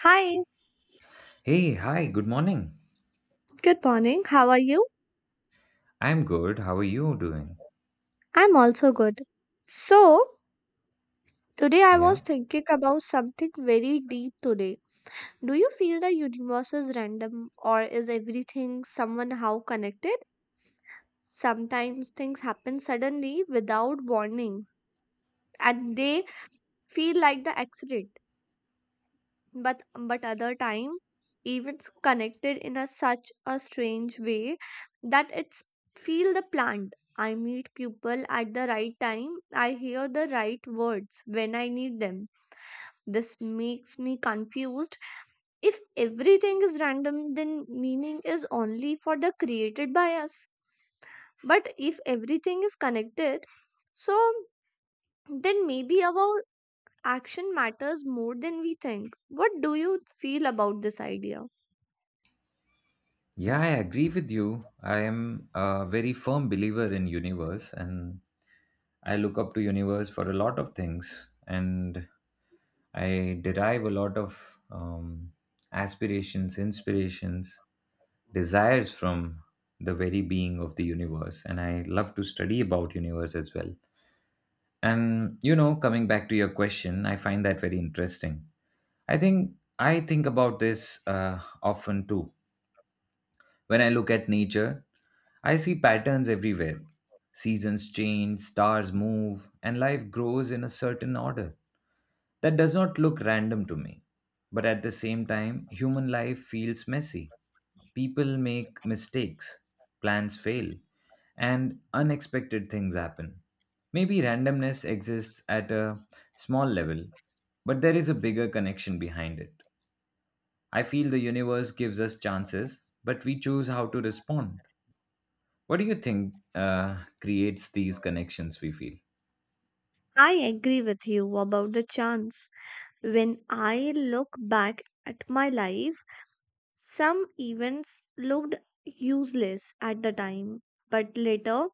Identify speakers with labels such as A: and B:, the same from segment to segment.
A: Hi,
B: Hey, hi, good morning.
A: good morning. How are you?
B: I'm good. How are you doing?
A: I'm also good. So, today I
B: Yeah.
A: was thinking about something very deep today. Do you feel the universe is random or is everything somehow connected? Sometimes things happen suddenly without warning and they feel like the accident. But other time events connected in a such a strange way that it's feel the plant, I meet people at the right time, I hear the right words when I need them. This makes me confused. If everything is random then meaning is only for the created by us, but if everything is connected, so then maybe our action matters more than we think. What do you feel about this idea?
B: Yeah, I agree with you. I am a very firm believer in universe and I look up to universe for a lot of things and I derive a lot of aspirations, inspirations, desires from the very being of the universe and I love to study about universe as well. And you know, coming back to your question, I find that very interesting. I think about this often too. When I look at nature, I see patterns everywhere. Seasons change, stars move, and life grows in a certain order. That does not look random to me. But at the same time, human life feels messy. People make mistakes, plans fail, and unexpected things happen. Maybe randomness exists at a small level, but there is a bigger connection behind it. I feel the universe gives us chances, but we choose how to respond. What do you think creates these connections we feel?
A: I agree with you about the chance. When I look back at my life, some events looked useless at the time, but later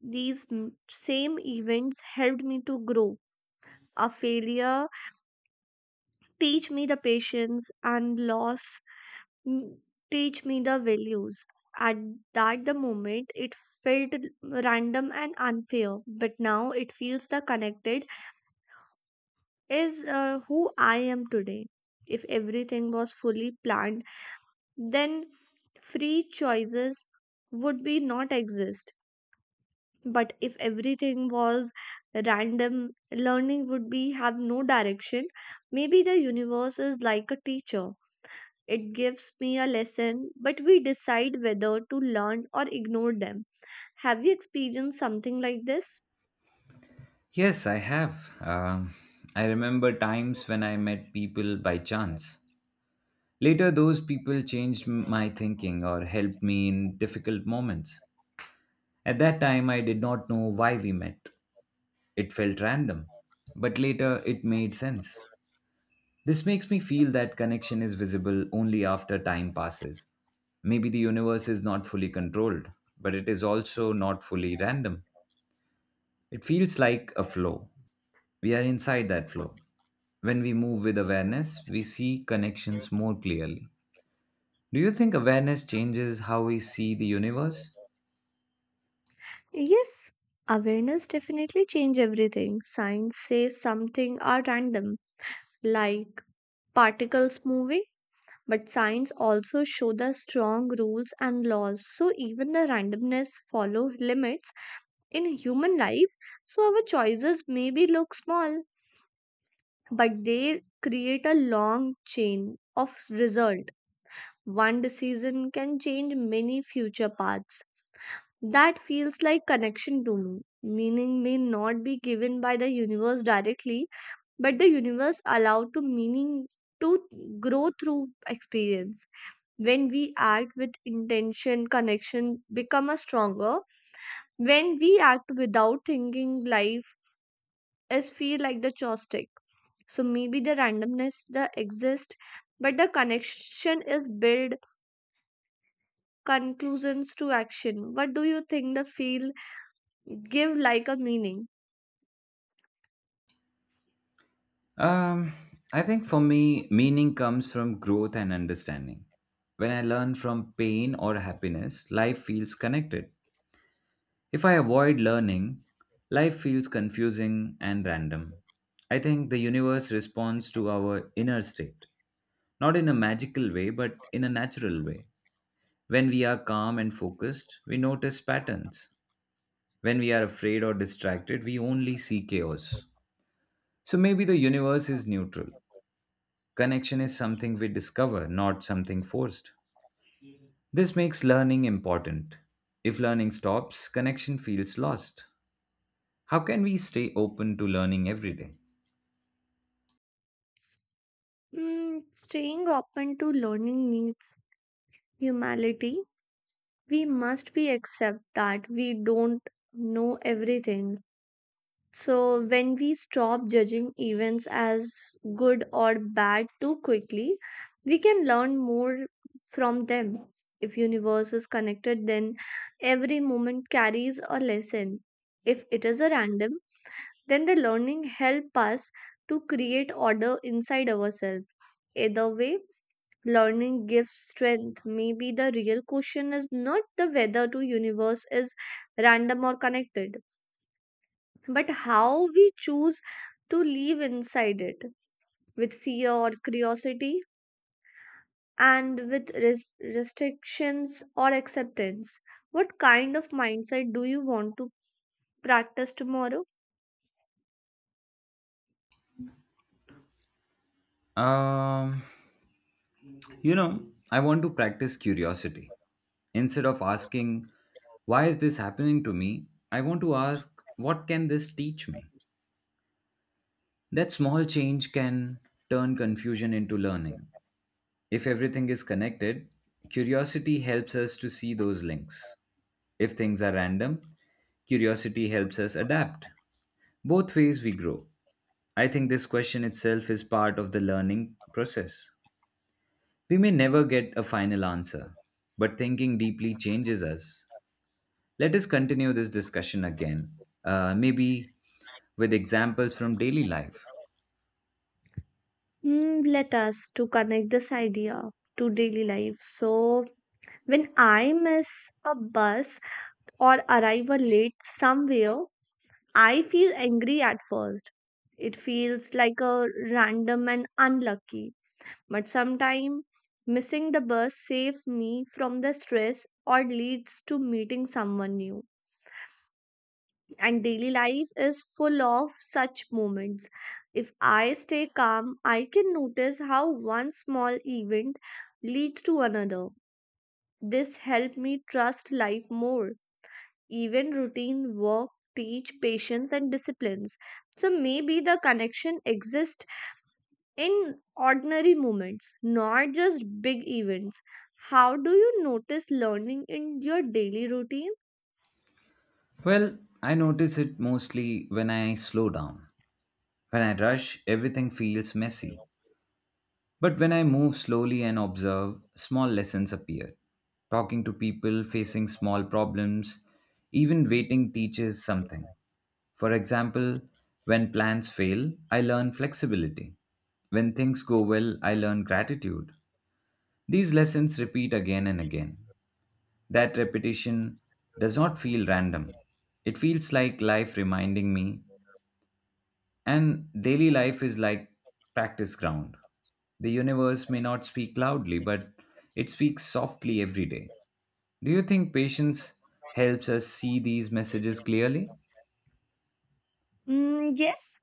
A: these same events helped me to grow. A failure teach me the patience and loss. Mm, teach me the values. At that the moment it felt random and unfair, but now it feels the connected is who I am today. If everything was fully planned, then free choices would be not exist. But if everything was random, learning would be have no direction. Maybe the universe is like a teacher. It gives me a lesson, but we decide whether to learn or ignore them. Have you experienced something like this?
B: Yes, I have. I remember times when I met people by chance. Later, those people changed my thinking or helped me in difficult moments. At that time, I did not know why we met. It felt random, but later it made sense. This makes me feel that connection is visible only after time passes. Maybe the universe is not fully controlled, but it is also not fully random. It feels like a flow. We are inside that flow. When we move with awareness, we see connections more clearly. Do you think awareness changes how we see the universe?
A: Yes, awareness definitely change everything. Science says something are random, like particles moving, but science also show the strong rules and laws. So even the randomness follow limits in human life. So our choices maybe look small, but they create a long chain of result. One decision can change many future paths. That feels like connection to me. Meaning may not be given by the universe directly, but the universe allowed to meaning to grow through experience. When we act with intention, connection become a stronger. When we act without thinking, life is feel like the joystick. So maybe the randomness the exist, but the connection is built conclusions to action. What do you think the field give like a meaning?
B: Um, I think for me, meaning comes from growth and understanding. When I learn from pain or happiness, life feels connected. If I avoid learning, life feels confusing and random. I think the universe responds to our inner state, not in a magical way, but in a natural way. When we are calm and focused, we notice patterns. When we are afraid or distracted, we only see chaos. So maybe the universe is neutral. Connection is something we discover, not something forced. This makes learning important. If learning stops, connection feels lost. How can we stay open to learning every day?
A: Mm, staying open to learning needs humility. We must be accept that we don't know everything. So when we stop judging events as good or bad too quickly, we can learn more from them. If universe is connected, then every moment carries a lesson. If it is a random, then the learning help us to create order inside ourselves. Either way, learning gives strength. Maybe the real question is not the whether to universe is random or connected, but how we choose to live inside it, with fear or curiosity, and with restrictions or acceptance. What kind of mindset do you want to practice tomorrow?
B: Um, you know, I want to practice curiosity. Instead of asking, why is this happening to me? I want to ask, what can this teach me? That small change can turn confusion into learning. If everything is connected, curiosity helps us to see those links. If things are random, curiosity helps us adapt. Both ways we grow. I think this question itself is part of the learning process. We may never get a final answer, but thinking deeply changes us. Let us continue this discussion again, maybe with examples from daily life.
A: Mm, let us to connect this idea to daily life. So when I miss a bus or arrive a late somewhere, I feel angry at first. It feels like a random and unlucky. But sometime missing the bus saves me from the stress or leads to meeting someone new. And daily life is full of such moments. If I stay calm, I can notice how one small event leads to another. This helped me trust life more. Even routine work teach patience and disciplines. So maybe the connection exists in ordinary moments, not just big events. How do you notice learning in your daily routine?
B: Well, I notice it mostly when I slow down. When I rush, everything feels messy. But when I move slowly and observe, small lessons appear. Talking to people, facing small problems, even waiting teaches something. For example, when plans fail, I learn flexibility. When things go well, I learn gratitude. These lessons repeat again and again. That repetition does not feel random. It feels like life reminding me, and daily life is like practice ground. The universe may not speak loudly, but it speaks softly every day. Do you think patience helps us see these messages clearly?
A: Mm, yes,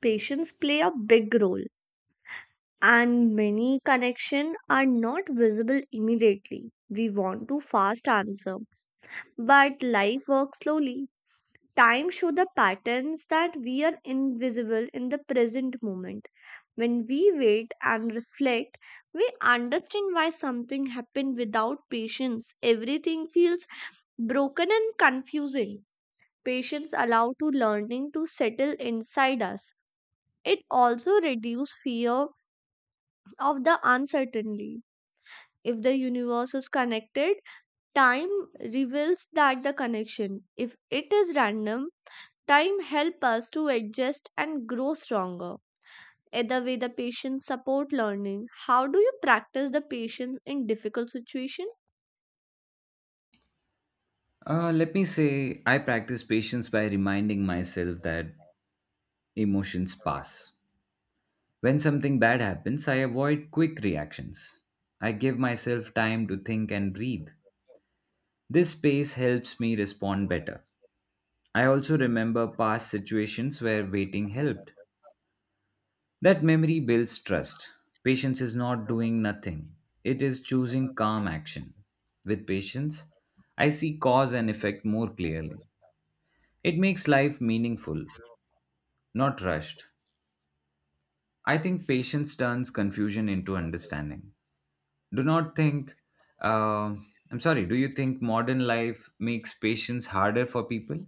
A: patience play a big role and many connections are not visible immediately. We want to fast answer, but life works slowly. Time shows the patterns that we are invisible in the present moment. When we wait and reflect, we understand why something happened without patience. Everything feels broken and confusing. Patience allow to learning to settle inside us. It also reduces fear of the uncertainty. If the universe is connected, time reveals that the connection. If it is random, time helps us to adjust and grow stronger. Either way, the patience support learning. How do you practice the patience in difficult situation?
B: Let me say, I practice patience by reminding myself that emotions pass. When something bad happens, I avoid quick reactions. I give myself time to think and breathe. This space helps me respond better. I also remember past situations where waiting helped. That memory builds trust. Patience is not doing nothing, it is choosing calm action. With patience, I see cause and effect more clearly. It makes life meaningful, not rushed. I think patience turns confusion into understanding. Do not think, uh, I'm sorry, do you think modern life makes patience harder for people?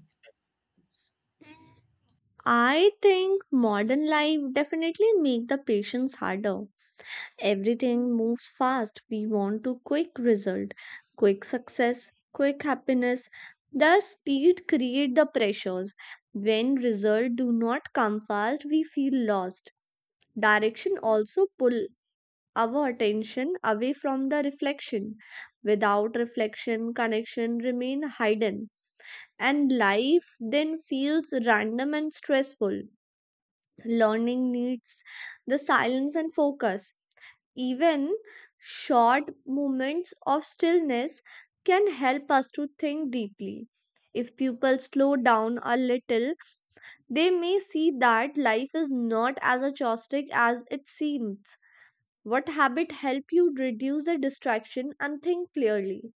A: I think modern life definitely make the patience harder. Everything moves fast. We want to quick result, quick success, quick happiness. The speed create the pressures. When result do not come fast, we feel lost. Direction also pull our attention away from the reflection. Without reflection, connection remain hidden and life then feels random and stressful. Learning needs the silence and focus. Even short moments of stillness can help us to think deeply. If people slow down a little, they may see that life is not as chaotic as it seems. What habit help you reduce the distraction and think clearly?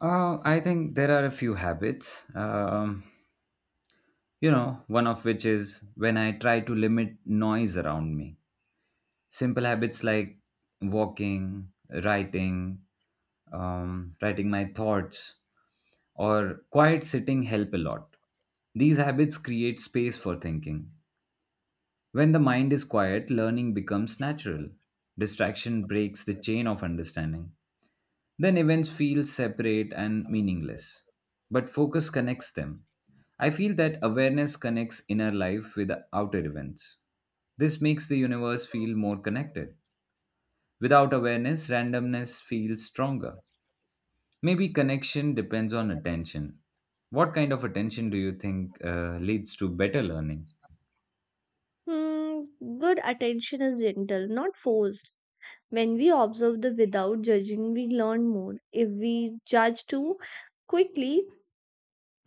B: I think there are a few habits. One of which is when I try to limit noise around me. Simple habits like walking, writing, writing my thoughts or quiet sitting help a lot. These habits create space for thinking. When the mind is quiet, learning becomes natural. Distraction breaks the chain of understanding. Then events feel separate and meaningless, but focus connects them. I feel that awareness connects inner life with outer events. This makes the universe feel more connected. Without awareness, randomness feels stronger. Maybe connection depends on attention. What kind of attention do you think leads to better learning?
A: Hmm, good attention is gentle, not forced. When we observe the without judging, we learn more. If we judge too quickly,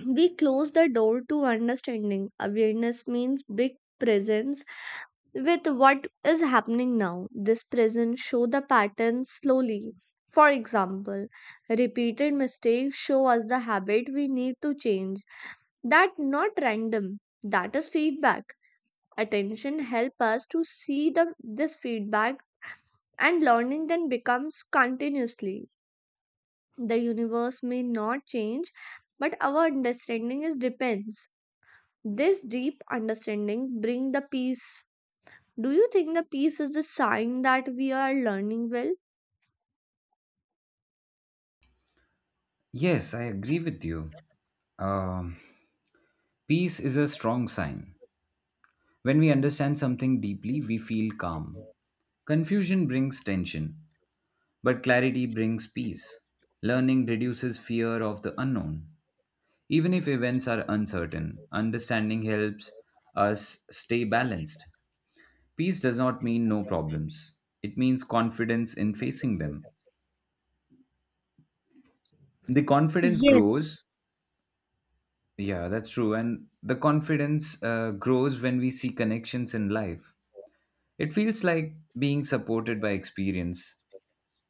A: we close the door to understanding. Awareness means big presence with what is happening now. This presence show the pattern slowly. For example, repeated mistakes show us the habit we need to change. That not random. That is feedback. Attention help us to see the this feedback, and learning then becomes continuously. The universe may not change, but our understanding is depends. This deep understanding bring the peace. Do you think the peace is the sign that we are learning well?
B: Yes, I agree with you. Um, Peace is a strong sign. When we understand something deeply, we feel calm. Confusion brings tension, but clarity brings peace. Learning reduces fear of the unknown. Even if events are uncertain, understanding helps us stay balanced. Peace does not mean no problems. It means confidence in facing them. The confidence
A: Yes,
B: grows. Yeah, that's true. And the confidence grows when we see connections in life. It feels like being supported by experience.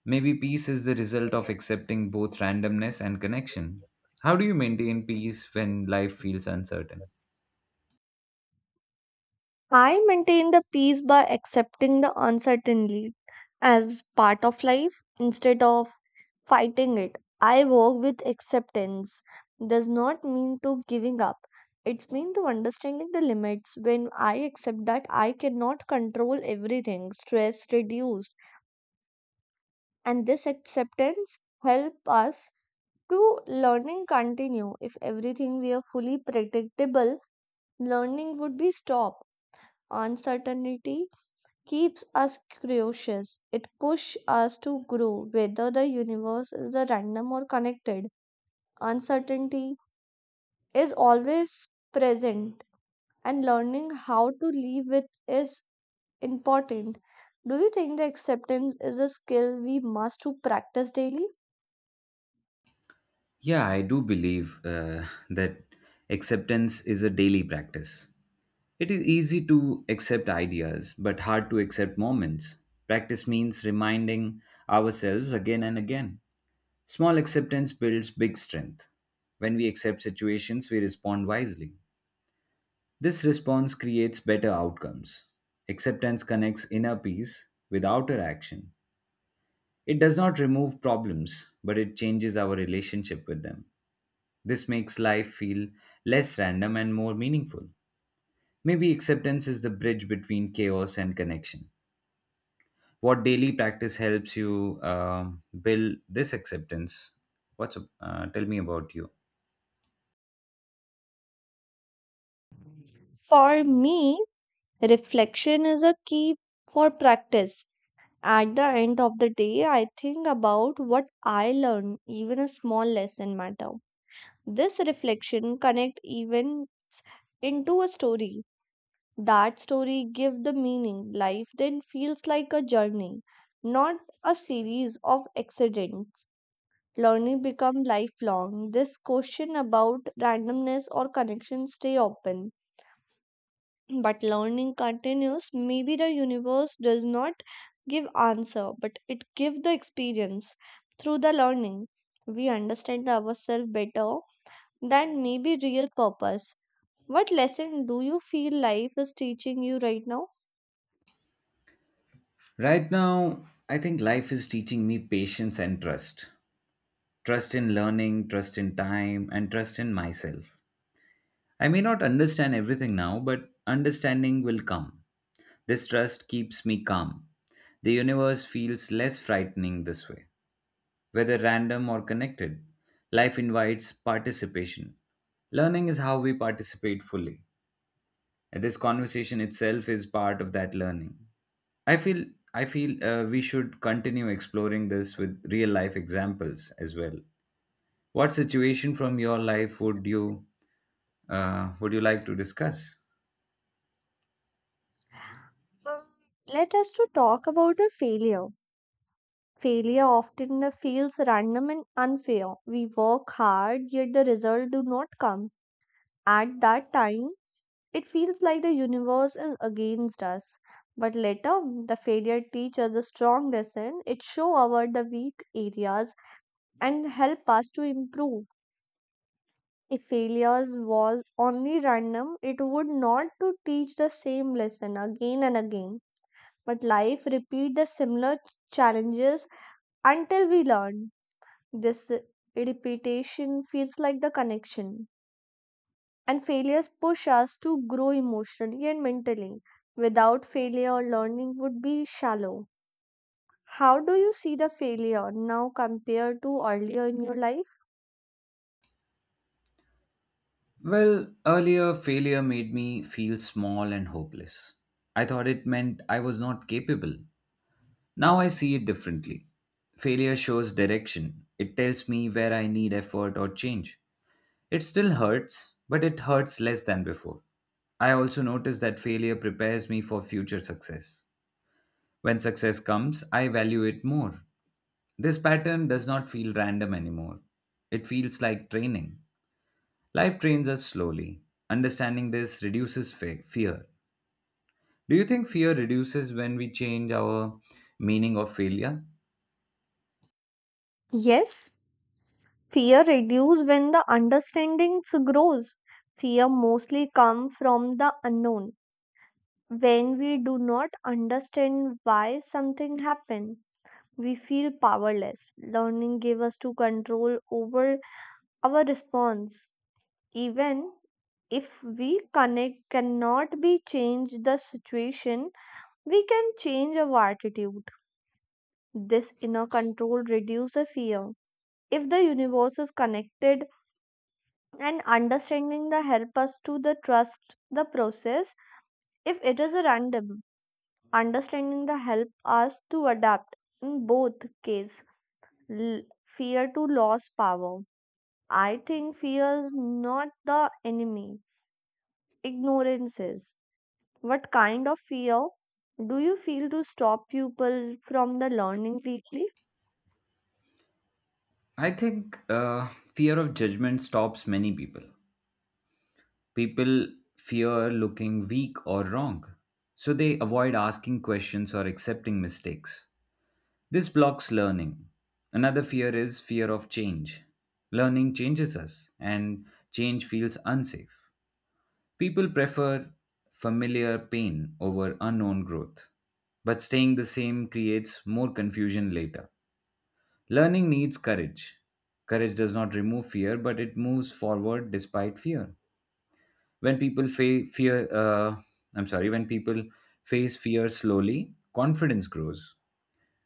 B: Maybe peace is the result of accepting both randomness and connection. How do you maintain peace when life feels uncertain?
A: I maintain the peace by accepting the uncertainty as part of life instead of fighting it. I work with acceptance does not mean to giving up. It's mean to understanding the limits. When I accept that I cannot control everything, stress reduce. And this acceptance help us to learning continue. If everything were fully predictable, learning would be stopped. Uncertainty keeps us curious. It pushes us to grow, whether the universe is the random or connected. Uncertainty is always present, and learning how to live with is important. Do you think the acceptance is a skill we must to practice daily?
B: Yeah, I do believe that acceptance is a daily practice. It is easy to accept ideas, but hard to accept moments. Practice means reminding ourselves again and again. Small acceptance builds big strength. When we accept situations, we respond wisely. This response creates better outcomes. Acceptance connects inner peace with outer action. It does not remove problems, but it changes our relationship with them. This makes life feel less random and more meaningful. Maybe acceptance is the bridge between chaos and connection. What daily practice helps you build this acceptance? Tell me about you.
A: For me, reflection is a key for practice. At the end of the day, I think about what I learned, even a small lesson matter. This reflection connect even into a story. That story give the meaning. Life then feels like a journey, not a series of accidents. Learning become lifelong. This question about randomness or connection stay open. But learning continues. Maybe the universe does not give answer, but it give the experience. Through the learning, we understand ourselves better than maybe real purpose. What lesson do you feel life is teaching you right now?
B: Right now, I think life is teaching me patience and trust. Trust in learning, trust in time, and trust in myself. I may not understand everything now, but understanding will come. This trust keeps me calm. The universe feels less frightening this way. Whether random or connected, life invites participation. Learning is how we participate fully. And this conversation itself is part of that learning. I feel I feel we should continue exploring this with real life examples as well. What situation from your life would you would you like to discuss?
A: Um, Let us to talk about a failure. Failure often feels random and unfair. We work hard, yet the result do not come. At that time, it feels like the universe is against us. But later, the failure teaches a strong lesson. It show our the weak areas and help us to improve. If failures was only random, it would not to teach the same lesson again and again. But life repeat the similar challenges until we learn. This repetition feels like the connection. And failures push us to grow emotionally and mentally. Without failure, learning would be shallow. How do you see the failure now compared to earlier in your life?
B: Well, earlier failure made me feel small and hopeless. I thought it meant I was not capable. Now I see it differently. Failure shows direction, it tells me where I need effort or change. It still hurts, but it hurts less than before. I also notice that failure prepares me for future success. When success comes, I value it more. This pattern does not feel random anymore. It feels like training. Life trains us slowly. Understanding this reduces fear. Do you think fear reduces when we change our meaning of failure?
A: Yes, fear reduces when the understanding grows. Fear mostly comes from the unknown. When we do not understand why something happened, we feel powerless. Learning gives us to control over our response. Even if we connect cannot be changed the situation, we can change our attitude. This inner control reduces fear. If the universe is connected and understanding the help us to the trust the process, if it is a random, understanding the help us to adapt. In both case, L- fear to lose power. I think fear is not the enemy, ignorance is. What kind of fear do you feel to stop people from the learning deeply?
B: I think fear of judgment stops many people. People fear looking weak or wrong, so they avoid asking questions or accepting mistakes. This blocks learning. Another fear is fear of change. Learning changes us and change feels unsafe. People prefer familiar pain over unknown growth, but staying the same creates more confusion later. Learning needs courage. Courage does not remove fear, but it moves forward despite fear. When people fa- fear, uh, I'm sorry, when people face fear slowly, confidence grows.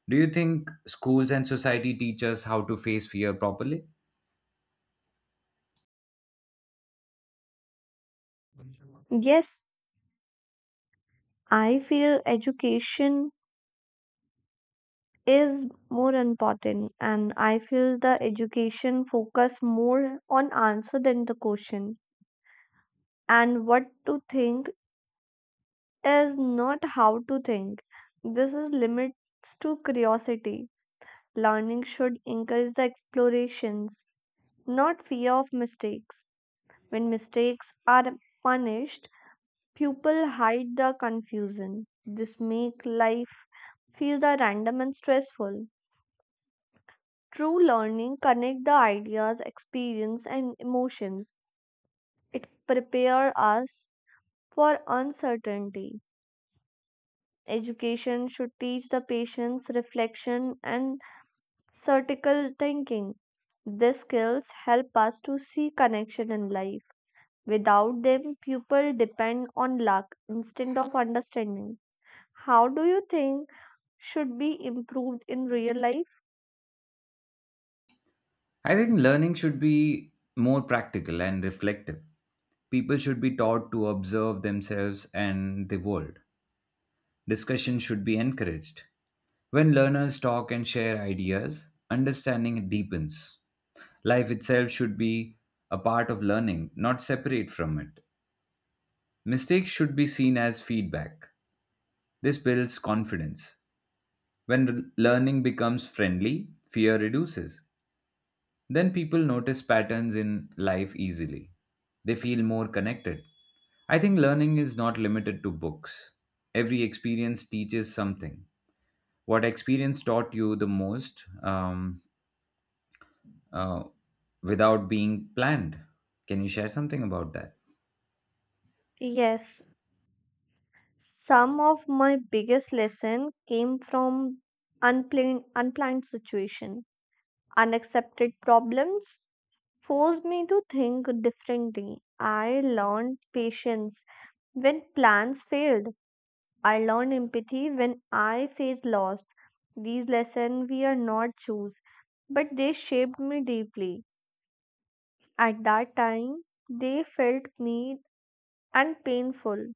B: Do you think schools and society teach us how to face fear properly?
A: Yes, I feel education is more important and I feel the education focus more on answer than the question, and what to think is not how to think. This is limits to curiosity. Learning should encourage the explorations, not fear of mistakes. When mistakes are punished, people hide the confusion. This make life feel the random and stressful. True learning connect the ideas, experience and emotions. It prepare us for uncertainty. Education should teach the patience, reflection and critical thinking. These skills help us to see connection in life. Without them, people depend on luck instead of understanding. How do you think should be improved in real life?
B: I think learning should be more practical and reflective. People should be taught to observe themselves and the world. Discussion should be encouraged. When learners talk and share ideas, understanding deepens. Life itself should be a part of learning, not separate from it. Mistakes should be seen as feedback. This builds confidence. When learning becomes friendly, fear reduces. Then people notice patterns in life easily. They feel more connected. I think learning is not limited to books. Every experience teaches something. What experience taught you the most uh, without being planned? Can you share something about that?
A: Yes, some of my biggest lesson came from unplanned situation. Unaccepted problems forced me to think differently. I learned patience when plans failed. I learned empathy when I faced loss. These lessons we are not choose, but they shaped me deeply. At that time, they felt me and painful.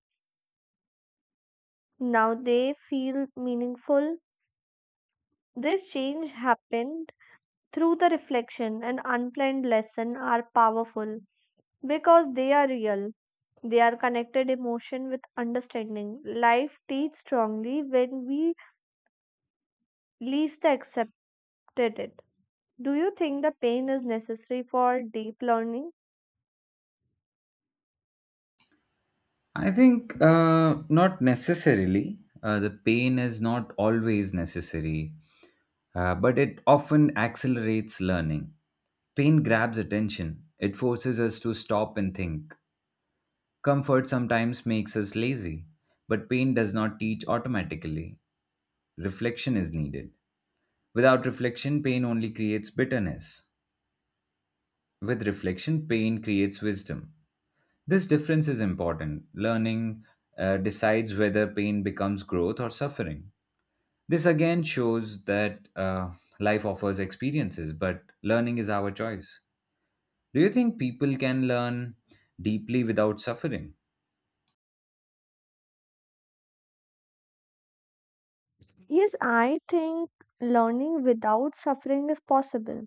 A: Now they feel meaningful. This change happened through the reflection and unplanned lesson are powerful because they are real. They are connected emotion with understanding. Life teach strongly when we least accepted it. Do you think the pain is necessary for deep learning?
B: I think not necessarily. The pain is not always necessary, but it often accelerates learning. Pain grabs attention. It forces us to stop and think. Comfort sometimes makes us lazy, but pain does not teach automatically. Reflection is needed. Without reflection, pain only creates bitterness. With reflection, pain creates wisdom. This difference is important. Learning decides whether pain becomes growth or suffering. This again shows that life offers experiences, but learning is our choice. Do you think people can learn deeply without suffering?
A: Yes, I think learning without suffering is possible,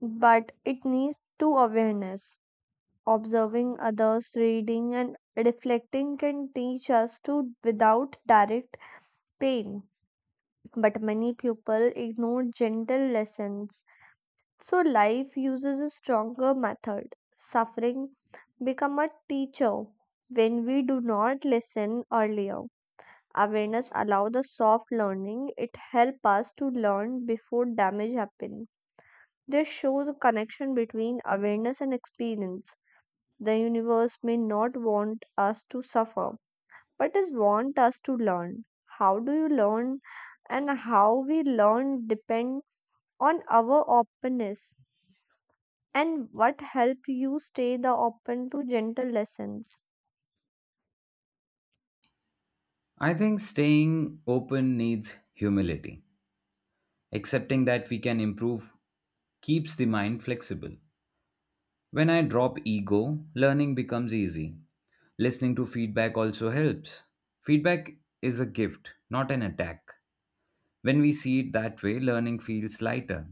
A: but it needs to awareness. Observing others, reading, and reflecting can teach us to without direct pain. But many people ignore gentle lessons. So life uses a stronger method. Suffering become a teacher when we do not listen earlier. Awareness allow the soft learning. It help us to learn before damage happen. This shows a connection between awareness and experience. The universe may not want us to suffer, but it wants us to learn. How do you learn and how we learn depend on our openness, and what help you stay the open to gentle lessons.
B: I think staying open needs humility. Accepting that we can improve keeps the mind flexible. When I drop ego, learning becomes easy. Listening to feedback also helps. Feedback is a gift, not an attack. When we see it that way, learning feels lighter.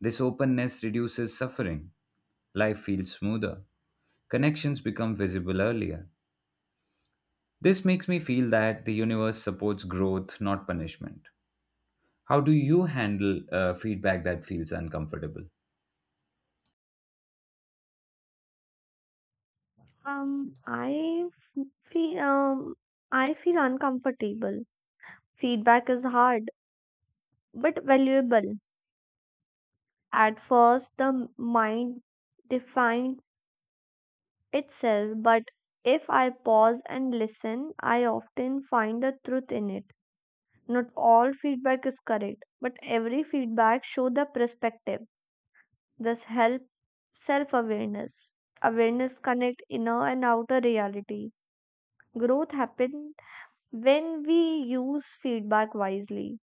B: This openness reduces suffering. Life feels smoother. Connections become visible earlier. This makes me feel that the universe supports growth, not punishment. How do you handle feedback that feels uncomfortable?
A: Um, I f- feel um, I feel uncomfortable. Feedback is hard but valuable. At first, the mind defined itself, but if I pause and listen, I often find the truth in it. Not all feedback is correct, but every feedback show the perspective. This help self-awareness. Awareness connect inner and outer reality. Growth happen when we use feedback wisely.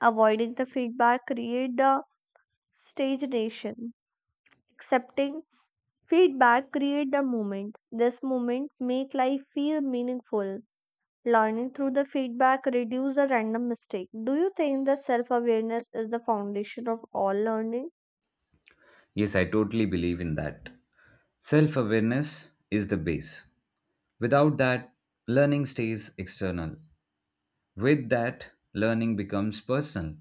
A: Avoiding the feedback create the stagnation. Accepting feedback create the moment. This moment make life feel meaningful. Learning through the feedback reduce the random mistake. Do you think the self-awareness is the foundation of all learning?
B: Yes, I totally believe in that. Self awareness is the base. Without that, learning stays external. With that, learning becomes personal.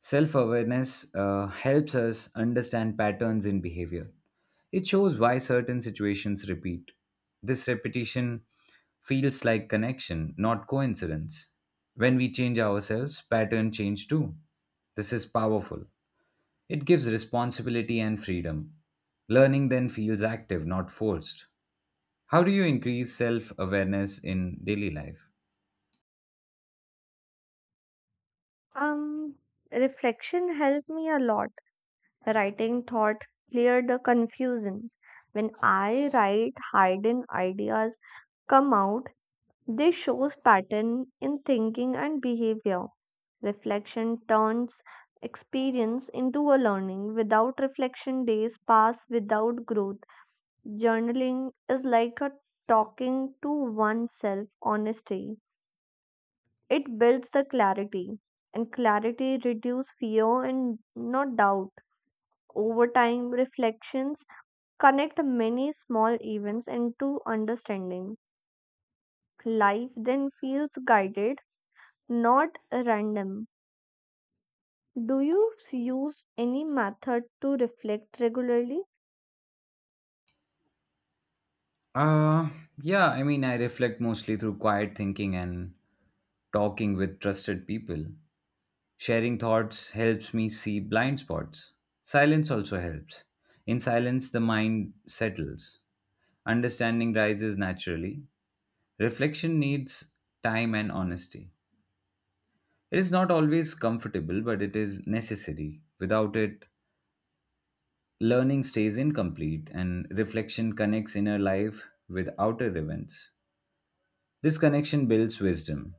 B: Self awareness helps us understand patterns in behavior. It shows why certain situations repeat. This repetition feels like connection, not coincidence. When we change ourselves, patterns change too. This is powerful. It gives responsibility and freedom. Learning then feels active, not forced. How do you increase self awareness in daily life?
A: Um, Reflection helped me a lot. Writing thought cleared the confusions. When I write, hidden ideas come out. They shows pattern in thinking and behavior. Reflection turns experience into a learning. Without reflection, days pass without growth. Journaling is like a talking to oneself honesty. It builds the clarity, and clarity reduces fear and not doubt. Over time, reflections connect many small events into understanding. Life then feels guided, not random. Do you use any method to reflect regularly?
B: Uh, I reflect mostly through quiet thinking and talking with trusted people. Sharing thoughts helps me see blind spots. Silence also helps. In silence, the mind settles. Understanding rises naturally. Reflection needs time and honesty. It is not always comfortable, but it is necessary. Without it, learning stays incomplete, and reflection connects inner life with outer events. This connection builds wisdom.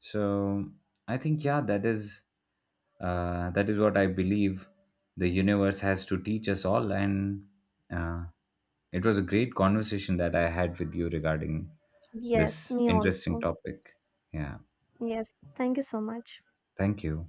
B: So I think, yeah, that is what I believe the universe has to teach us all. And uh, it was a great conversation that I had with you regarding
A: Yes,
B: this
A: me
B: interesting
A: also.
B: topic. Yeah,
A: Yes, thank you so much.
B: thank you.